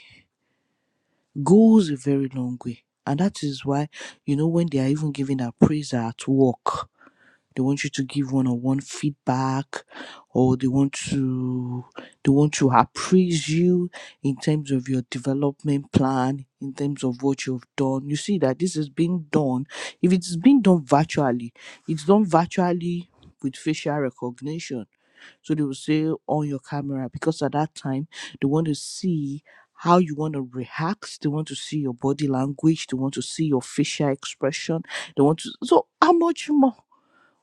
[SPEAKER 2] goes a very long way and that is why you know when they are even giving our praise at work they want you to give one-on-one feedback, or they want to they want to appraise you in terms of your development plan, in terms of what you've done. You see that this is being done. If it's being done virtually, it's done virtually with facial recognition. So they will say on your camera because at that time they want to see how you want to react. They want to see your body language. They want to see your facial expression. They want to. So how much more?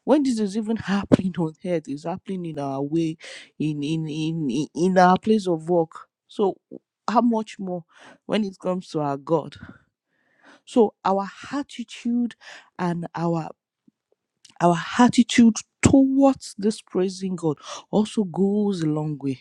[SPEAKER 2] when this is even happening on earth it's happening in our way in in in in in our place of work so how much more when it comes to our god so our attitude and our our attitude towards this praising god also goes a long way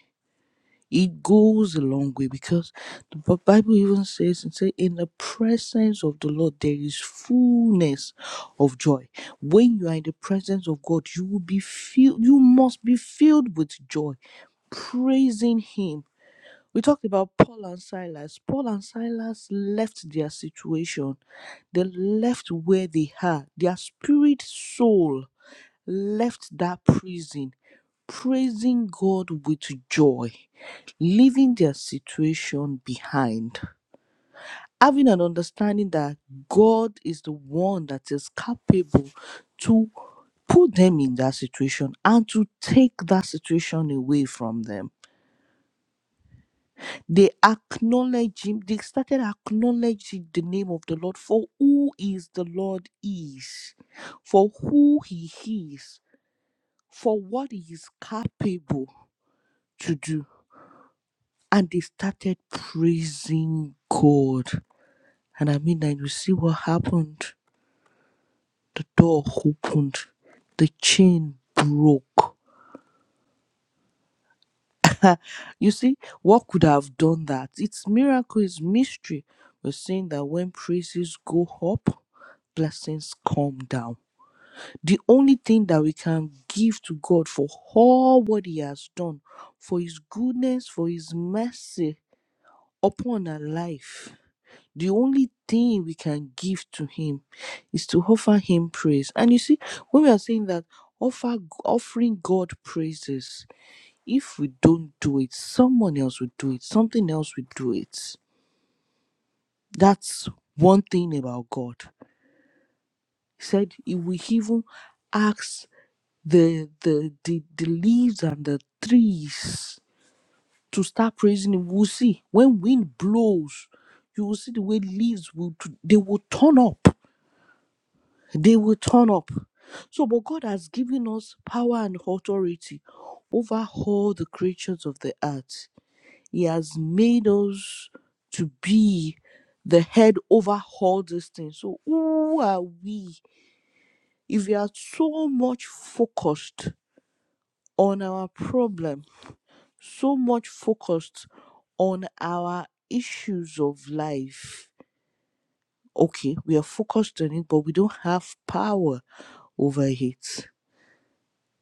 [SPEAKER 2] it goes a long way because the Bi- Bible even says and say in the presence of the Lord there is fullness of joy. When you are in the presence of God, you will be filled you must be filled with joy, praising him. We talked about Paul and Silas. Paul and Silas left their situation they left where they are. Their spirit soul left that prison praising God with joy, leaving their situation behind, having an understanding that God is the one that is capable to put them in that situation and to take that situation away from them. They acknowledge him, they started acknowledging the name of the Lord for who is the Lord is, for who he is, for what he is capable to do and they started praising God. And I mean, and you see what happened. The door opened, the chain broke. You see, what could have done that? It's miracle, it's mystery. We're saying that when praises go up, blessings come down. The only thing that we can give to God for all what He has done, for His goodness, for His mercy upon our life the only thing we can give to him is to offer him praise and you see when we are saying that offer offering god praises if we don't do it someone else will do it something else will do it that's one thing about god he said he will even ask the the the, the leaves and the trees to start praising him we'll see when wind blows you will see the way leaves will they will turn up they will turn up. So, but God has given us power and authority over all the creatures of the earth. He has made us to be the head over all these things. So, who are we? If we are so much focused on our problem, so much focused on our issues of life, okay, we are focused on it, but we don't have power over it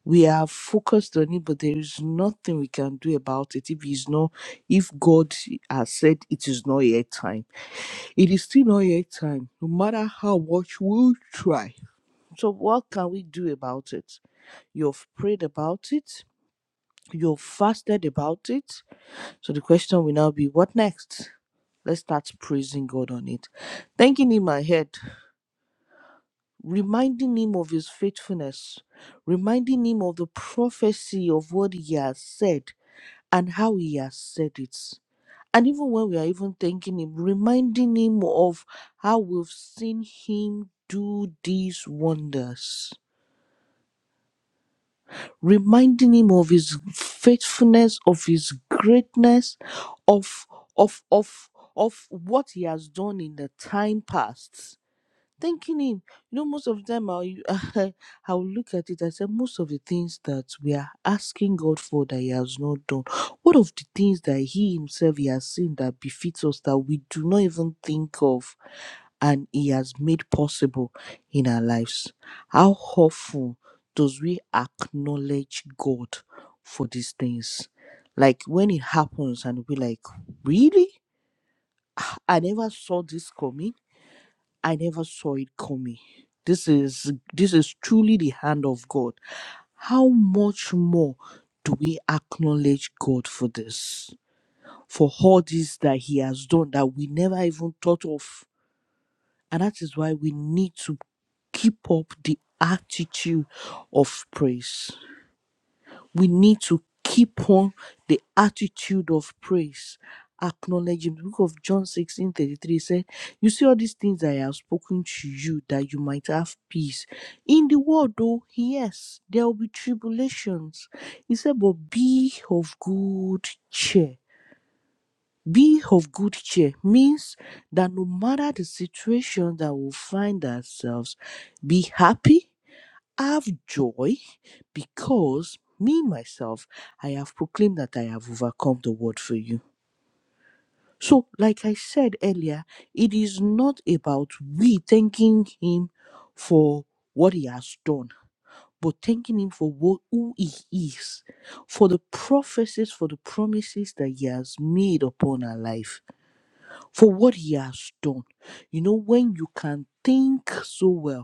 [SPEAKER 2] we are focused on it but there is nothing we can do about it if it's not if god has said it is not yet time it is still not yet time no matter how much we try so what can we do about it you've prayed about it you've fasted about it so the question will now be what next let's start praising god on it thanking him ahead reminding him of his faithfulness reminding him of the prophecy of what he has said and how he has said it. And even when we are even thanking him, reminding him of how we've seen him do these wonders, reminding him of his faithfulness, of his greatness, of of of of what he has done in the time past thanking him. You know, most of the time I'll, I'll look at it, I said, most of the things that we are asking God for that he has not done, what of the things that he himself he has seen that befits us that we do not even think of and he has made possible in our lives? How often does we acknowledge God for these things? Like when it happens and we like, really? I never saw this coming I never saw it coming. This is this is truly the hand of God. How much more do we acknowledge God for this? For all this that He has done that we never even thought of. And that is why we need to keep up the attitude of praise we need to keep on the attitude of praise acknowledging the book of john 16 33 said you see all these things i have spoken to you that you might have peace in the world though yes there will be tribulations he said but be of good cheer be of good cheer means that no matter the situation that we find ourselves be happy I have joy because me, myself, I have proclaimed that I have overcome the world for you. So, like I said earlier, it is not about we thanking Him for what He has done, but thanking Him for what, who He is, for the prophecies, for the promises that He has made upon our life, for what He has done. You know, when you can think so well,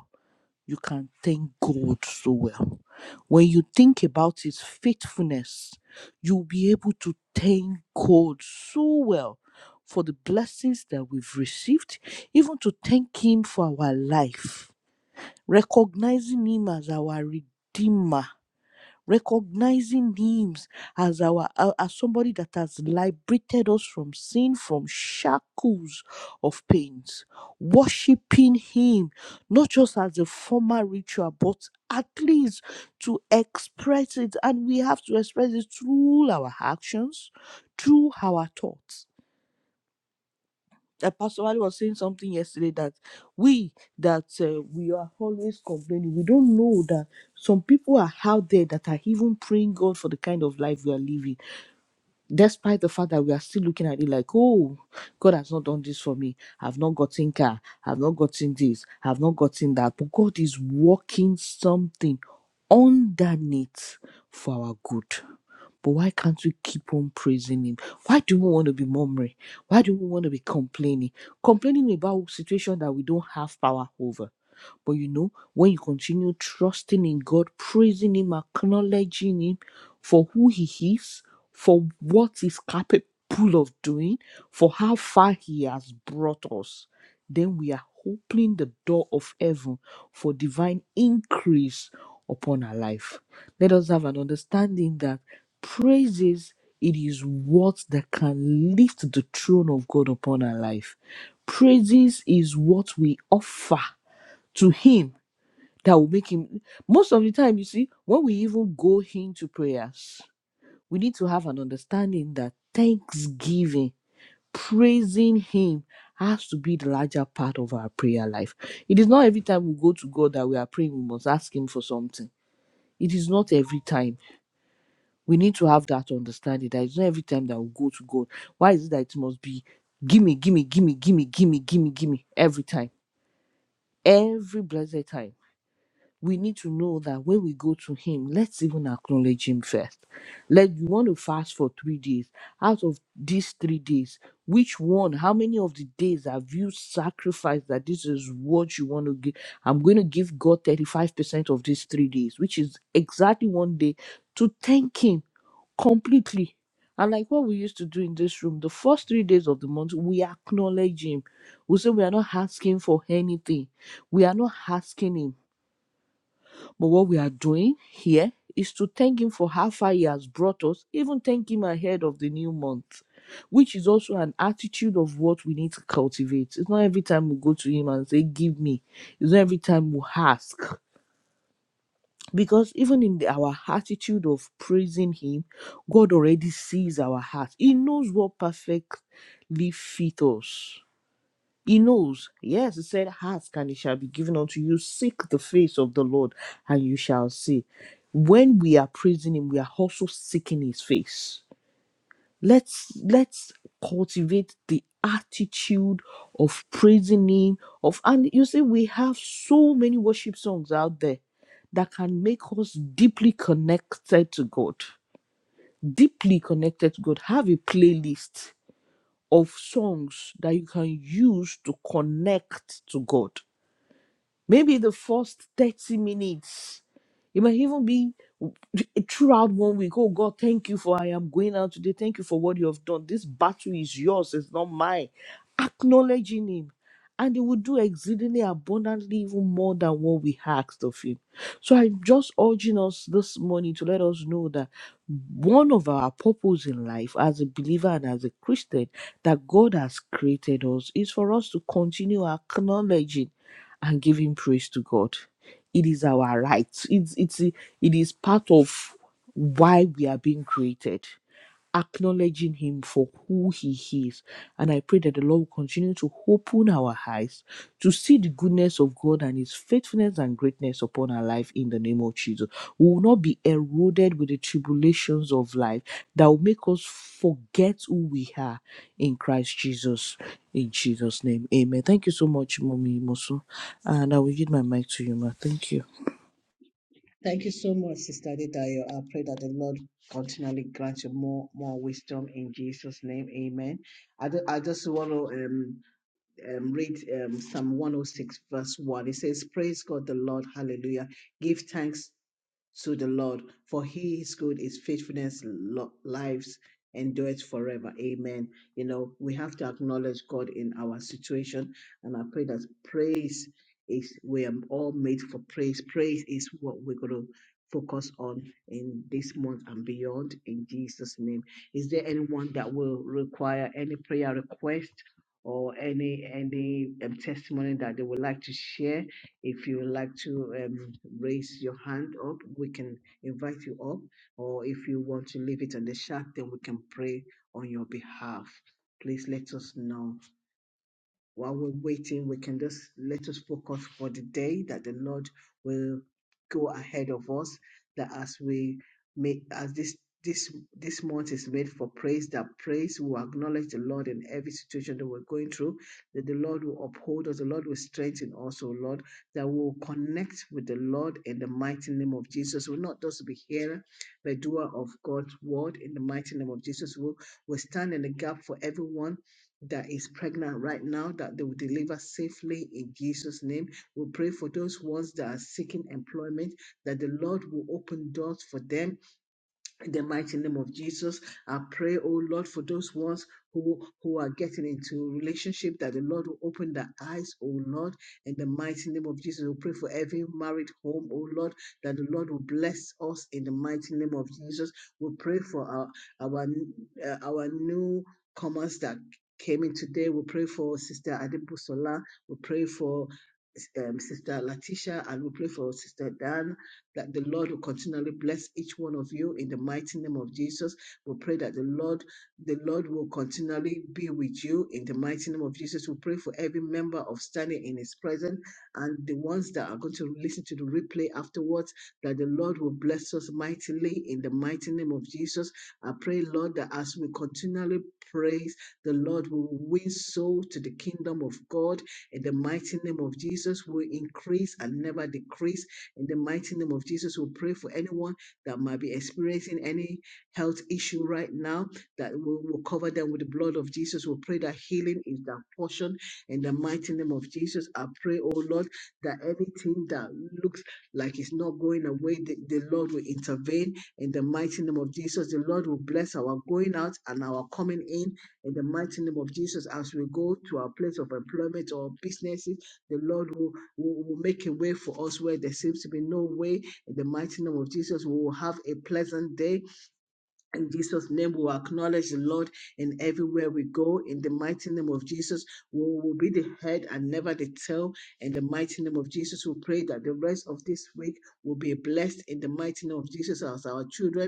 [SPEAKER 2] you can thank God so well. When you think about His faithfulness, you'll be able to thank God so well for the blessings that we've received, even to thank Him for our life, recognizing Him as our Redeemer recognizing him as our uh, as somebody that has liberated us from sin from shackles of pains worshiping him not just as a formal ritual but at least to express it and we have to express it through our actions through our thoughts Apostle Ali was saying something yesterday that we that uh, we are always complaining. We don't know that some people are out there that are even praying God for the kind of life we are living despite the fact that we are still looking at it like, oh, God has not done this for me. I've not gotten car. I've not gotten this. I've not gotten that. But God is working something underneath for our good. But why can't we keep on praising Him? Why do we want to be murmuring? Why do we want to be complaining? Complaining about a situation that we don't have power over but you know, when you continue trusting in God, praising Him, acknowledging Him for who He is, for what He's capable of doing, for how far He has brought us, then we are opening the door of heaven for divine increase upon our life. Let us have an understanding that praises it is what that can lift the throne of God upon our life. Praises is what we offer to him that will make him most of the time you see when we even go into prayers we need to have an understanding that thanksgiving praising him has to be the larger part of our prayer life it is not every time we go to god that we are praying we must ask him for something it is not every time we need to have that understanding that it's not every time that we go to god why is it that it must be gimme gimme gimme gimme gimme gimme gimme every time every blessed time we need to know that when we go to him let's even acknowledge him first like you want to fast for three days out of these three days which one how many of the days have you sacrificed that this is what you want to give i'm going to give god 35% of these three days which is exactly one day to thank him completely and like what we used to do in this room the first three days of the month we acknowledge him we say we are not asking for anything we are not asking him but what we are doing here is to thank Him for how far He has brought us, even thank Him ahead of the new month, which is also an attitude of what we need to cultivate. It's not every time we go to Him and say, Give me. It's not every time we ask. Because even in the- our attitude of praising Him, God already sees our heart. He knows what perfectly fits us. He knows. Yes, he said, Ask and it shall be given unto you. Seek the face of the Lord and you shall see. When we are praising him, we are also seeking his face. Let's let's cultivate the attitude of praising him. Of and you see, we have so many worship songs out there that can make us deeply connected to God. Deeply connected to God. Have a playlist of songs that you can use to connect to God. Maybe the first 30 minutes. It might even be throughout one week. Oh God, thank you for I am going out today. Thank you for what you have done. This battle is yours, it's not mine. Acknowledging Him. And He will do exceedingly abundantly, even more than what we asked of Him. So I'm just urging us this morning to let us know that one of our purpose in life as a believer and as a Christian that God has created us is for us to continue acknowledging and giving praise to God. It is our right. It's it's it is part of why we are being created acknowledging Him for who He is. And I pray that the Lord will continue to open our eyes to see the goodness of God and His faithfulness and greatness upon our life in the name of Jesus. We will not be eroded with the tribulations of life that will make us forget who we are in Christ Jesus. In Jesus' name, amen. Thank you so much, Mommy Mosu. And I will give my mic to you, ma. Thank you.
[SPEAKER 1] Thank you so much, Sister Adedayo. I pray that the Lord continually grant you more more wisdom in Jesus' name. Amen. I, do- I just want to um. um, read um, Psalm 106, verse 1. It says, Praise God the Lord, hallelujah. Give thanks to the Lord, for he is good, his faithfulness lo- lives endureth forever. Amen. You know, we have to acknowledge God in our situation, and I pray that praise is we are all made for praise. Praise is what we're going to focus on in this month and beyond in Jesus' name. Is there anyone that will require any prayer request? or any any um, testimony that they would like to share, if you would like to um, raise your hand up, we can invite you up. Or if you want to leave it on the chat, then we can pray on your behalf. Please let us know while we're waiting, we can just let us focus for the day that the Lord will go ahead of us. That as we make as this this this month is made for praise, that praise will acknowledge the Lord in every situation that we're going through, that the Lord will uphold us, the Lord will strengthen us, O Lord, that we'll connect with the Lord in the mighty name of Jesus. We'll not just be hearer, but doer of God's word in the mighty name of Jesus. We'll, we'll stand in the gap for everyone that is pregnant right now that they will deliver safely in Jesus' name. We pray for those ones that are seeking employment that the Lord will open doors for them in the mighty name of Jesus, I pray, oh Lord, for those ones who, who are getting into relationship, that the Lord will open their eyes, oh Lord. In the mighty name of Jesus, we pray for every married home, oh Lord, that the Lord will bless us in the mighty name of Jesus. We pray for our our uh, our new comers that came in today. We pray for Sister Adibusola. We pray for um, Sister Latisha, and we pray for Sister Dan that the Lord will continually bless each one of you in the mighty name of Jesus. We pray that the Lord, the Lord will continually be with you in the mighty name of Jesus. We pray for every member of standing in his presence and the ones that are going to listen to the replay afterwards, that the Lord will bless us mightily in the mighty name of Jesus. I pray, Lord, that as we continually praise, the Lord will win souls to the kingdom of God in the mighty name of Jesus. We increase and never decrease in the mighty name of Jesus, we pray for anyone that might be experiencing any health issue right now, that we will cover them with the blood of Jesus. We pray that healing is their portion. In the mighty name of Jesus, I pray, oh Lord, that anything that looks like it's not going away, the, the Lord will intervene. In the mighty name of Jesus, the Lord will bless our going out and our coming in. In the mighty name of Jesus, as we go to our place of employment or businesses, the Lord will will will make a way for us where there seems to be no way. In the mighty name of Jesus, we will have a pleasant day. In Jesus' name, we will acknowledge the Lord in everywhere we go. In the mighty name of Jesus, we will be the head and never the tail. In the mighty name of Jesus, we pray that the rest of this week will be blessed. In the mighty name of Jesus, as our children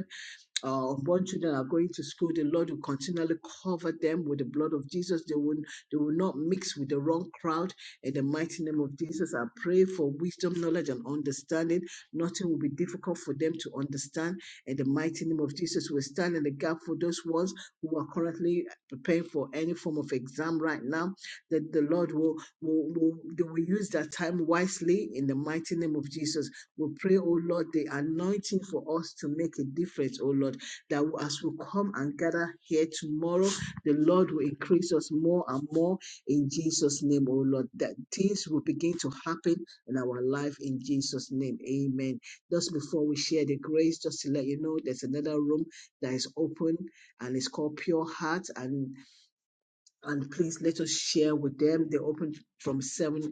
[SPEAKER 1] uh, unborn children are going to school, the Lord will continually cover them with the blood of Jesus. They will, they will not mix with the wrong crowd. In the mighty name of Jesus, I pray for wisdom, knowledge, and understanding. Nothing will be difficult for them to understand. In the mighty name of Jesus, we stand in the gap for those ones who are currently preparing for any form of exam right now. That the Lord will, will, will, they will use that time wisely in the mighty name of Jesus. We pray, oh Lord, the anointing for us to make a difference, oh Lord, that as we come and gather here tomorrow, the Lord will increase us more and more in Jesus' name, oh Lord, that things will begin to happen in our life in Jesus' name. Amen. Just before we share the grace, just to let you know, there's another room that is open and it's called Pure Heart. And and please let us share with them. They open from 7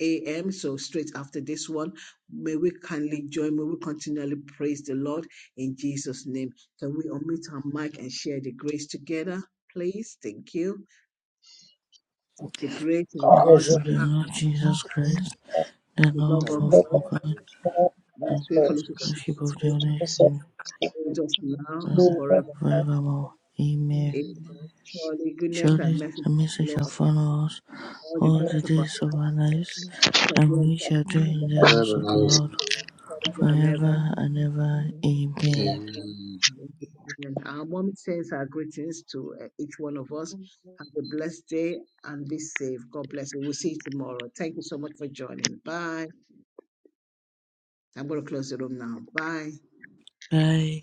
[SPEAKER 1] a.m. So straight after this one, may we kindly join, may we continually praise the Lord in Jesus' name. Can we unmute our mic and share the grace together, please? Thank you. The grace of the
[SPEAKER 2] In the
[SPEAKER 3] Thank
[SPEAKER 1] Lord
[SPEAKER 2] peace of the
[SPEAKER 1] Jesus,
[SPEAKER 2] Lord Jesus Christ, the
[SPEAKER 1] the
[SPEAKER 2] love
[SPEAKER 1] love of
[SPEAKER 4] However,
[SPEAKER 2] of
[SPEAKER 1] God,
[SPEAKER 2] God, the
[SPEAKER 4] good
[SPEAKER 1] and the sweet fellowship of
[SPEAKER 5] Thank
[SPEAKER 1] the
[SPEAKER 4] fellowship
[SPEAKER 1] Holy
[SPEAKER 2] fellowship of the
[SPEAKER 1] Spirit be
[SPEAKER 2] Holy Spirit.
[SPEAKER 1] with us now and
[SPEAKER 3] you.
[SPEAKER 1] forever. Amen.
[SPEAKER 2] Virgo, email,
[SPEAKER 1] Surely goodness and
[SPEAKER 2] surely
[SPEAKER 1] mercy
[SPEAKER 2] the
[SPEAKER 1] shall
[SPEAKER 2] message shall
[SPEAKER 1] follow us
[SPEAKER 2] follow us
[SPEAKER 1] all the
[SPEAKER 2] all the
[SPEAKER 1] days of our
[SPEAKER 2] days
[SPEAKER 1] life
[SPEAKER 2] of our lives,
[SPEAKER 1] shall be
[SPEAKER 2] and
[SPEAKER 1] on
[SPEAKER 2] we
[SPEAKER 1] the
[SPEAKER 2] shall
[SPEAKER 1] house
[SPEAKER 2] dwell
[SPEAKER 1] of the
[SPEAKER 2] in
[SPEAKER 1] Lord
[SPEAKER 2] the house of the Lord
[SPEAKER 1] forever and ever.
[SPEAKER 2] forever and ever. Amen.
[SPEAKER 1] Amen. Our mommy sends her greetings to uh, each one of us.
[SPEAKER 5] you.
[SPEAKER 1] Have a blessed day and be safe. God bless you. We'll see you tomorrow. Thank you so much for joining. Bye. I'm going to close the room now. Bye.
[SPEAKER 2] Bye.